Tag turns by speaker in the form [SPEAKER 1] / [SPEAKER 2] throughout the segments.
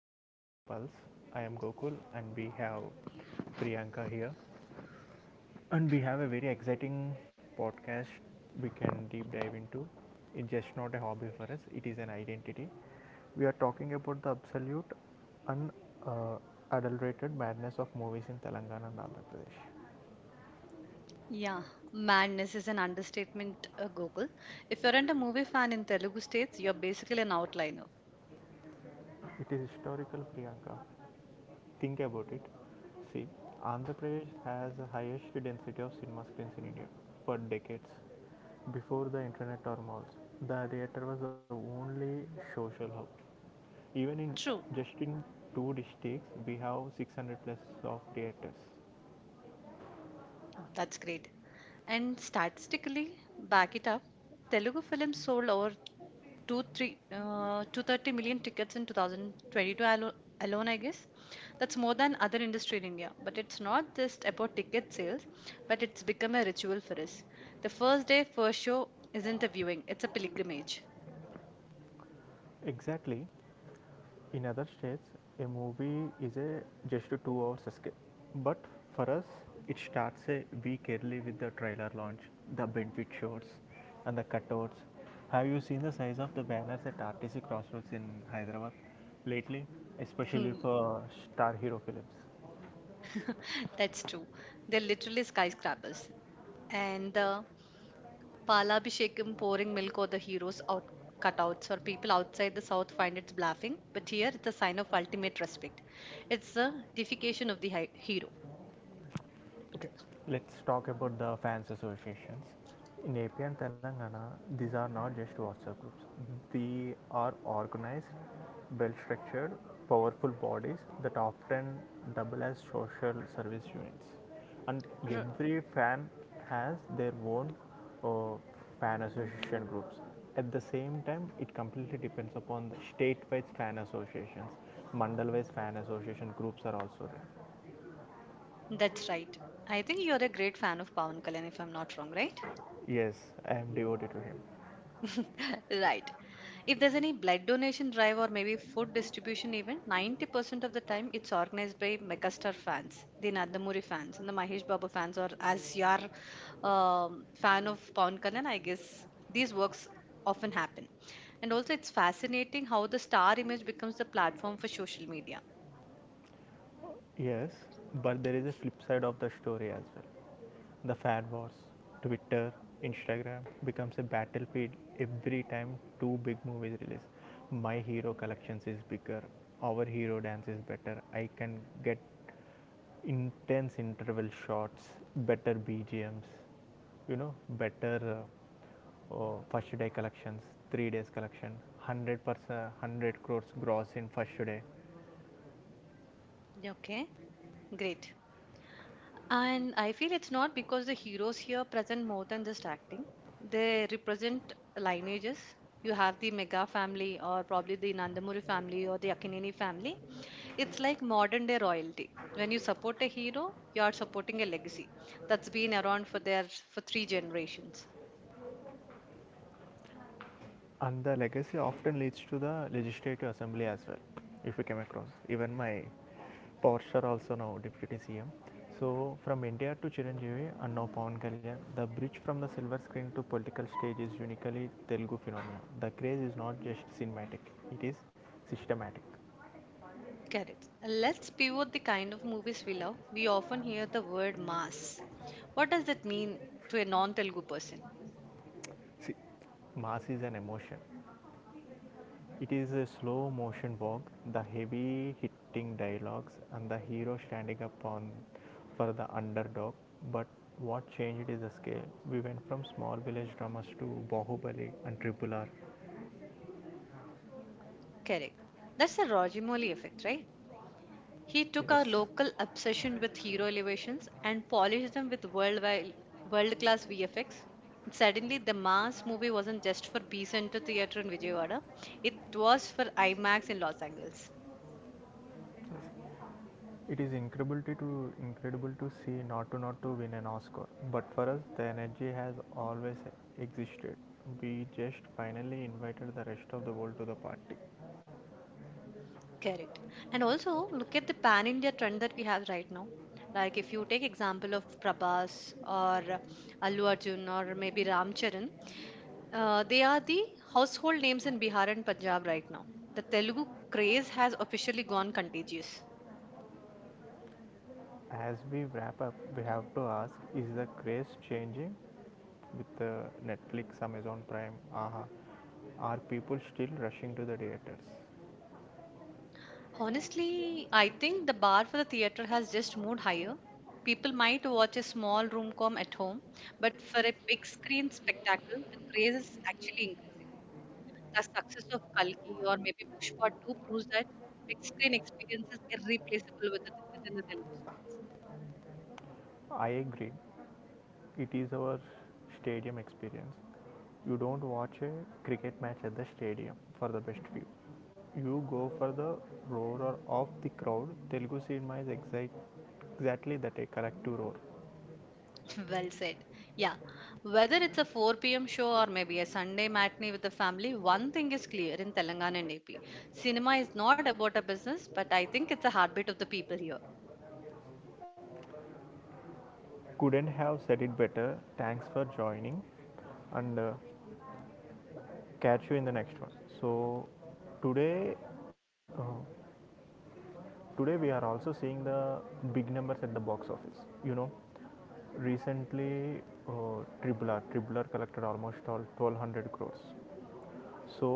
[SPEAKER 1] Screen Pulse. I am Gokul and we have Priyanka here. And we have a very exciting podcast we can deep dive into. It's just not a hobby for us, it is an identity. We are talking about the absolute unadulterated madness of movies in Telangana and Andhra Pradesh.
[SPEAKER 2] Yeah, madness is an understatement, Gokul. If you aren't a movie fan in Telugu states, you're basically an outliner.
[SPEAKER 1] It is historical, Priyanka. Think about it, see, Andhra Pradesh has the highest density of cinema screens in India for decades. Before the internet or malls, the theater was the only social hub. Even in
[SPEAKER 2] True.
[SPEAKER 1] just in two districts, we have 600 plus of theaters.
[SPEAKER 2] Oh, that's great. And statistically, back it up. Telugu films sold over two three 230 million tickets in 2022 alone, I guess. That's more than other industry in India. But it's not just about ticket sales, but it's become a ritual for us. The first day, first show isn't a viewing, it's a pilgrimage.
[SPEAKER 1] Exactly. In other states, a movie is a just a 2 hours escape. But for us, it starts a week early with the trailer launch, the benefit shots, and the cutouts. Have you seen the size of the banners at RTC Crossroads in Hyderabad lately, especially for star hero films?
[SPEAKER 2] That's true. They're literally skyscrapers. And the Palabhishekam pouring milk or the heroes out cutouts or people outside the south find it's bluffing, but here it's a sign of ultimate respect. It's the deification of the hero.
[SPEAKER 1] Okay, let's talk about the fans associations. In AP and Telangana, these are not just WhatsApp groups. They are organized, well-structured, powerful bodies that often double as social service units. And
[SPEAKER 2] R-
[SPEAKER 1] every fan has their own uh, fan association groups. At the same time, it completely depends upon the state-wise fan associations. Mandal-wise fan association groups are also there.
[SPEAKER 2] that's right. I think you're a great fan of Pawan Kalyan, if I'm not wrong, right?
[SPEAKER 1] Yes, I am devoted to him.
[SPEAKER 2] Right. If there's any blood donation drive or maybe food distribution event, 90% of the time it's organized by Megastar fans, the Nandamuri fans, and the Mahesh Babu fans, or as you are fan of Pawan Kalyan, I guess these works often happen. And also, it's fascinating how the star image becomes the platform for social media.
[SPEAKER 1] Yes, but there is a flip side of the story as well. The fan wars, Twitter, Instagram becomes a battlefield every time two big movies release. My hero collections is bigger, our hero dance is better. I can get intense interval shots, better BGMs, you know, better first day collections, 3 days collection, 100 percent, 100 crores gross in first day.
[SPEAKER 2] Yeah. Okay, great. And I feel it's not because the heroes here present more than just acting. They represent lineages. You have the Mega family, or probably the Nandamuri family, or the Akinini family. It's like modern day royalty. When you support a hero, you are supporting a legacy that's been around for their for three generations.
[SPEAKER 1] And the legacy often leads to the legislative assembly as well, if we came across. Even my power star also now deputy CM. So from India to Chiranjeevi and now Pawan Kalyan, the bridge from the silver screen to political stage is uniquely Telugu phenomenon. The craze is not just cinematic; it is systematic.
[SPEAKER 2] Correct. Let's pivot the kind of movies we love. We often hear the word mass. What does that mean to a non-Telugu person?
[SPEAKER 1] See, mass is an emotion. It is a slow motion walk, the heavy hitting dialogues, and the hero standing up on for the underdog. But what changed is the scale. We went from small village dramas to Bahubali and Triple R.
[SPEAKER 2] Correct. That's the Rajimoli effect, right? He took
[SPEAKER 1] Yes.
[SPEAKER 2] our local obsession with hero elevations and polished them with worldwide world class VFX. Suddenly, the Mars movie wasn't just for B Center Theatre in Vijayawada, it was for IMAX in Los Angeles.
[SPEAKER 1] Yes. It is incredible to see not to win an Oscar, but for us the energy has always existed. We just finally invited the rest of the world to the party.
[SPEAKER 2] Correct. And also, look at the pan India trend that we have right now. Like if you take example of Prabhas or Allu Arjun or maybe Ram Charan, they are the household names in Bihar and Punjab right now. The Telugu craze has officially gone contagious.
[SPEAKER 1] As we wrap up, we have to ask: is the craze changing with the Netflix, Amazon Prime, Aha? Are people still rushing to the theaters?
[SPEAKER 2] Honestly, I think the bar for the theater has just moved higher. People might watch a small room com at home, but for a big screen spectacle, the craze is actually increasing. The success of Kalki or maybe Pushpa 2 proves that big screen experience is irreplaceable with within the Telugu states.
[SPEAKER 1] I agree. It is our stadium experience. You don't watch a cricket match at the stadium for the best view. You go for the roar of the crowd. Telugu cinema is exactly that a correct to roar.
[SPEAKER 2] Well said. Yeah. Whether it's a 4 p.m. show or maybe a Sunday matinee with the family, one thing is clear in Telangana and AP. Cinema is not about a business, but I think it's a heartbeat of the people here.
[SPEAKER 1] Couldn't have said it better. Thanks for joining and catch you in the next one. So today, uh, today we are also seeing the big numbers at the box office. You know, recently Tribler collected almost all 1200 crores, so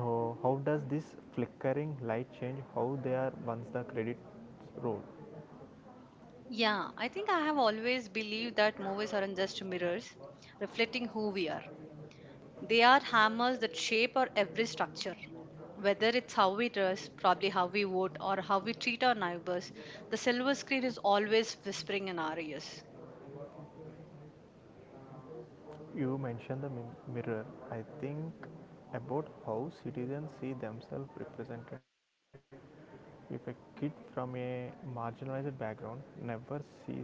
[SPEAKER 1] how does this flickering light change how they are once the credits roll?
[SPEAKER 2] Yeah, I think I have always believed that movies aren't just mirrors reflecting who we are. They are hammers that shape our every structure. Whether it's how we dress, probably how we vote, or how we treat our neighbors, the silver screen is always whispering in our ears.
[SPEAKER 1] You mentioned the mirror. I think about how citizens see themselves represented. If a kid from a marginalized background never sees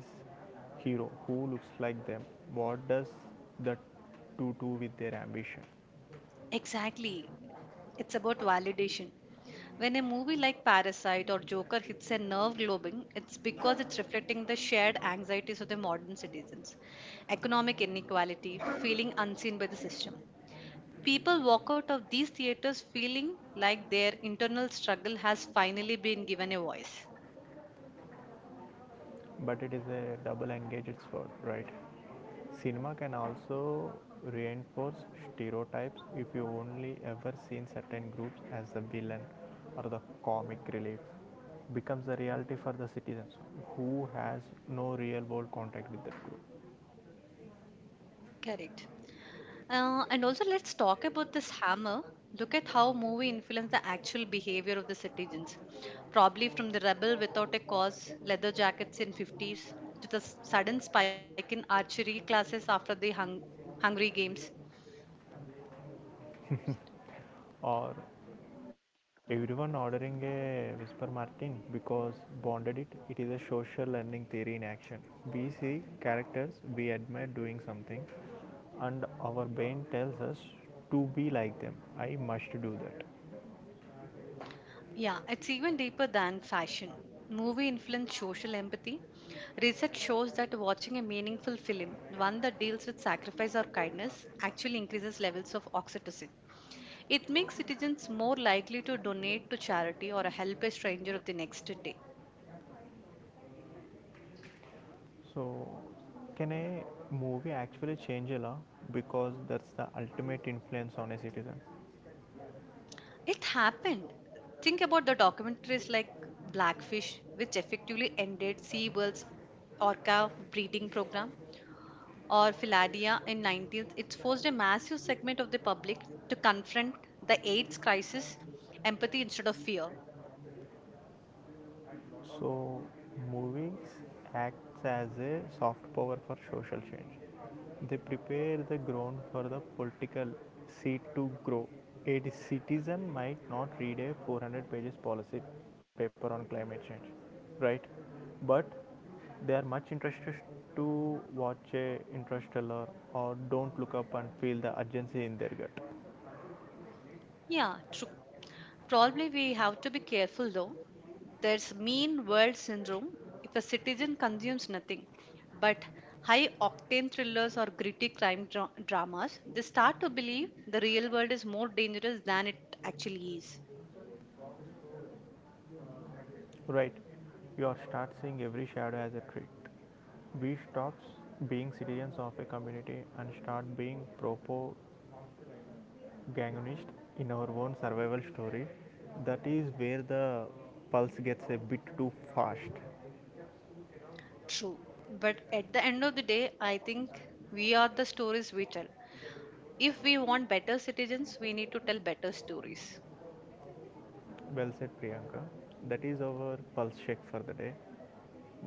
[SPEAKER 1] hero who looks like them, what does that do to with their ambition?
[SPEAKER 2] Exactly. It's about validation. When a movie like Parasite or Joker hits a nerve globing, it's because it's reflecting the shared anxieties of the modern citizens economic inequality, feeling unseen by the system. People walk out of these theaters feeling like their internal struggle has finally been given a voice.
[SPEAKER 1] But it is a double engaged sword, right? Cinema can also reinforce stereotypes if you only ever seen certain groups as the villain or the comic relief becomes the reality for the citizens who has no real world contact with that group.
[SPEAKER 2] Correct. And also, let's talk about this hammer. Look at how movie influenced the actual behavior of the citizens. Probably from the rebel without a cause, leather jackets in '50s, to the sudden spike in archery classes after the Hungry Games.
[SPEAKER 1] Or everyone ordering a whisper martin because bonded it, is a social learning theory in action. We see characters we admire doing something, and our brain tells us to be like them, I must do that.
[SPEAKER 2] Yeah, it's even deeper than fashion. Movie influence social empathy. Research shows that watching a meaningful film, one that deals with sacrifice or kindness, actually increases levels of oxytocin. It makes citizens more likely to donate to charity or help a stranger of the next day.
[SPEAKER 1] So can a movie actually change a law? Because that's the ultimate influence on a citizen.
[SPEAKER 2] It happened. Think about the documentaries like Blackfish, which effectively ended SeaWorld's orca breeding program, or Philadelphia in 19th, it forced a massive segment of the public to confront the AIDS crisis empathy instead of fear.
[SPEAKER 1] So, movies acts as a soft power for social change. They prepare the ground for the political seed to grow. A citizen might not read a 400 pages policy paper on climate change, right? But they are much interested to watch a interstellar or don't look up and feel the urgency in their gut.
[SPEAKER 2] Yeah, true. Probably we have to be careful though. There's mean world syndrome if a citizen consumes nothing but high octane thrillers or gritty crime dramas, they start to believe the real world is more dangerous than it actually is.
[SPEAKER 1] Right, you are start seeing every shadow as a threat. We stops being citizens of a community and start being propagandists in our own survival story. That is where the pulse gets a bit too fast.
[SPEAKER 2] True. But at the end of the day, I think we are the stories we tell. If we want better citizens, we need to tell better stories.
[SPEAKER 1] Well said, Priyanka. That is our pulse check for the day.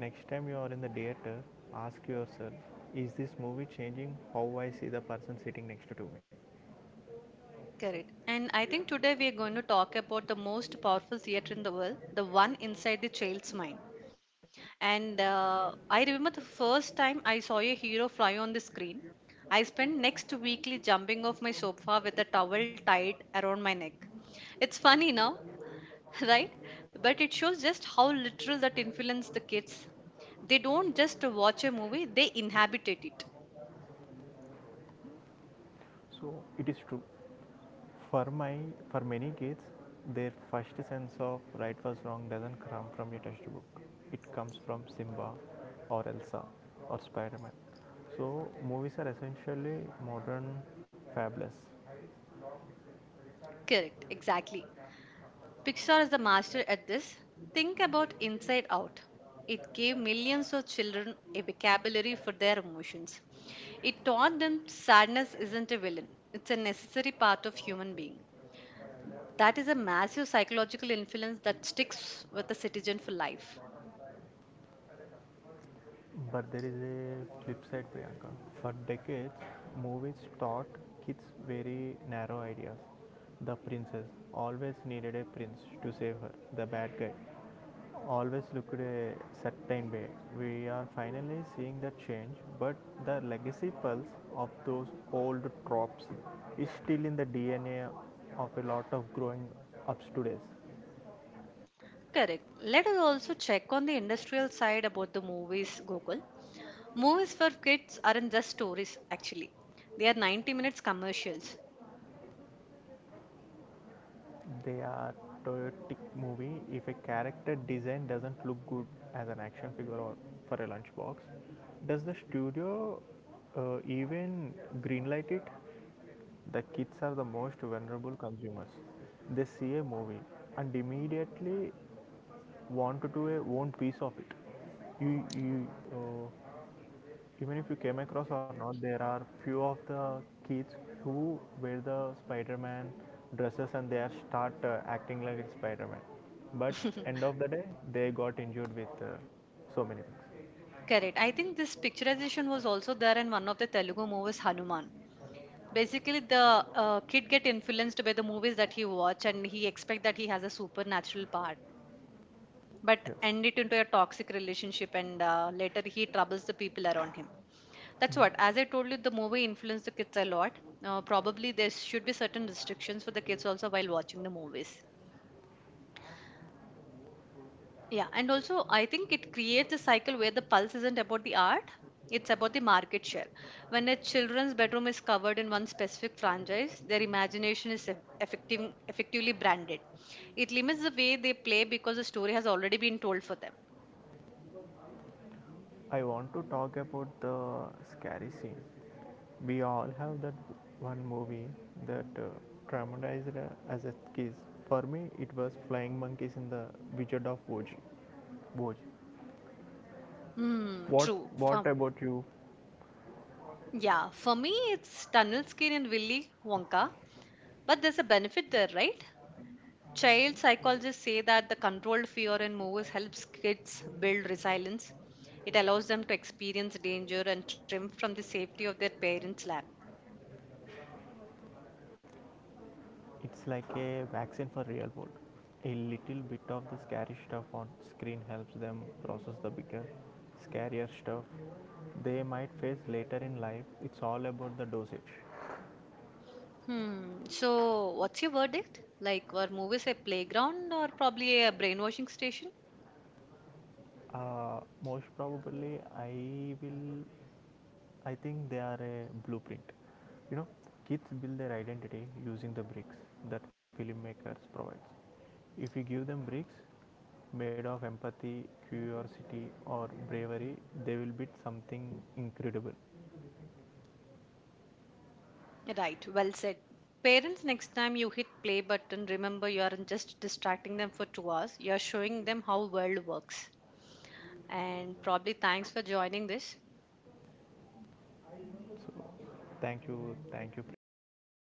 [SPEAKER 1] Next time you are in the theater, ask yourself, is this movie changing how I see the person sitting next to me?
[SPEAKER 2] Correct. And I think today we are going to talk about the most powerful theater in the world, the one inside the child's mind. And I remember the first time I saw a hero fly on the screen. I spent next weekly jumping off my sofa with a towel tied around my neck. It's funny now, right? But it shows just how literal that influenced the kids. They don't just watch a movie, they inhabited it.
[SPEAKER 1] So it is true. For my, for many kids, their first sense of right was wrong doesn't come from your textbook. It comes from Simba, or Elsa, or Spider-Man. So movies are essentially modern fables.
[SPEAKER 2] Correct, exactly. Pixar is the master at this. Think about Inside Out. It gave millions of children a vocabulary for their emotions. It taught them sadness isn't a villain, it's a necessary part of human being. That is a massive psychological influence that sticks with a citizen for life.
[SPEAKER 1] But there is a flip side, Priyanka. For decades, movies taught kids very narrow ideas. The princess always needed a prince to save her, the bad guy always looked a certain way. We are finally seeing the change, but the legacy pulse of those old tropes is still in the DNA of a lot of growing ups today.
[SPEAKER 2] Correct. Let us also check on the industrial side about the movies, Gokul. Movies for kids aren't just stories, actually. They are 90 minutes commercials.
[SPEAKER 1] They are toyotic movie if a character design doesn't look good as an action figure or for a lunchbox. Does the studio even greenlight it? The kids are the most vulnerable consumers. They see a movie and immediately want to do a own piece of it. you you uh, Even if you came across or not, there are few of the kids who wear the spider-man dresses and they are start acting like it's spider-man. But end of the day they got injured with so many things.
[SPEAKER 2] Correct. I think this picturization was also there in one of the Telugu movies, Hanuman. Basically, the kid get influenced by the movies that he watch, and he expect that he has a supernatural part, but
[SPEAKER 1] Yes,
[SPEAKER 2] end it into a toxic relationship, and later he troubles the people around him. That's what, as I told you, the movie influenced the kids a lot. Probably there should be certain restrictions for the kids also while watching the movies. Yeah, and also I think it creates a cycle where the pulse isn't about the art, it's about the market share. When a children's bedroom is covered in one specific franchise, their imagination is effectively branded. It limits the way they play because the story has already been told for them.
[SPEAKER 1] I want to talk about the scary scene. We all have that one movie that traumatized as a kid. For me it was flying monkeys in the wizard of oz Oz.
[SPEAKER 2] Hmm,
[SPEAKER 1] What
[SPEAKER 2] true.
[SPEAKER 1] what
[SPEAKER 2] For,
[SPEAKER 1] about you?
[SPEAKER 2] yeah, for me, it's Tunnel Skin and Willy Wonka, but there's a benefit there, right? Child psychologists say that the controlled fear in movies helps kids build resilience. It allows them to experience danger and trim from the safety of their parents' lap.
[SPEAKER 1] It's like a vaccine for real world. A little bit of the scary stuff on screen helps them process the bigger, scarier stuff they might face later in life. It's all about the dosage.
[SPEAKER 2] Hmm. So, what's your verdict? Like, were movies a playground or probably a brainwashing station?
[SPEAKER 1] Most probably, I think they are a blueprint. You know, kids build their identity using the bricks that filmmakers provides. If you give them bricks made of empathy, curiosity, or bravery, they will build something incredible.
[SPEAKER 2] Right, well said. Parents, next time you hit play button, remember you aren't just distracting them for 2 hours, you're showing them how world works. And probably thanks for joining this.
[SPEAKER 1] So, thank you, Priyanka, for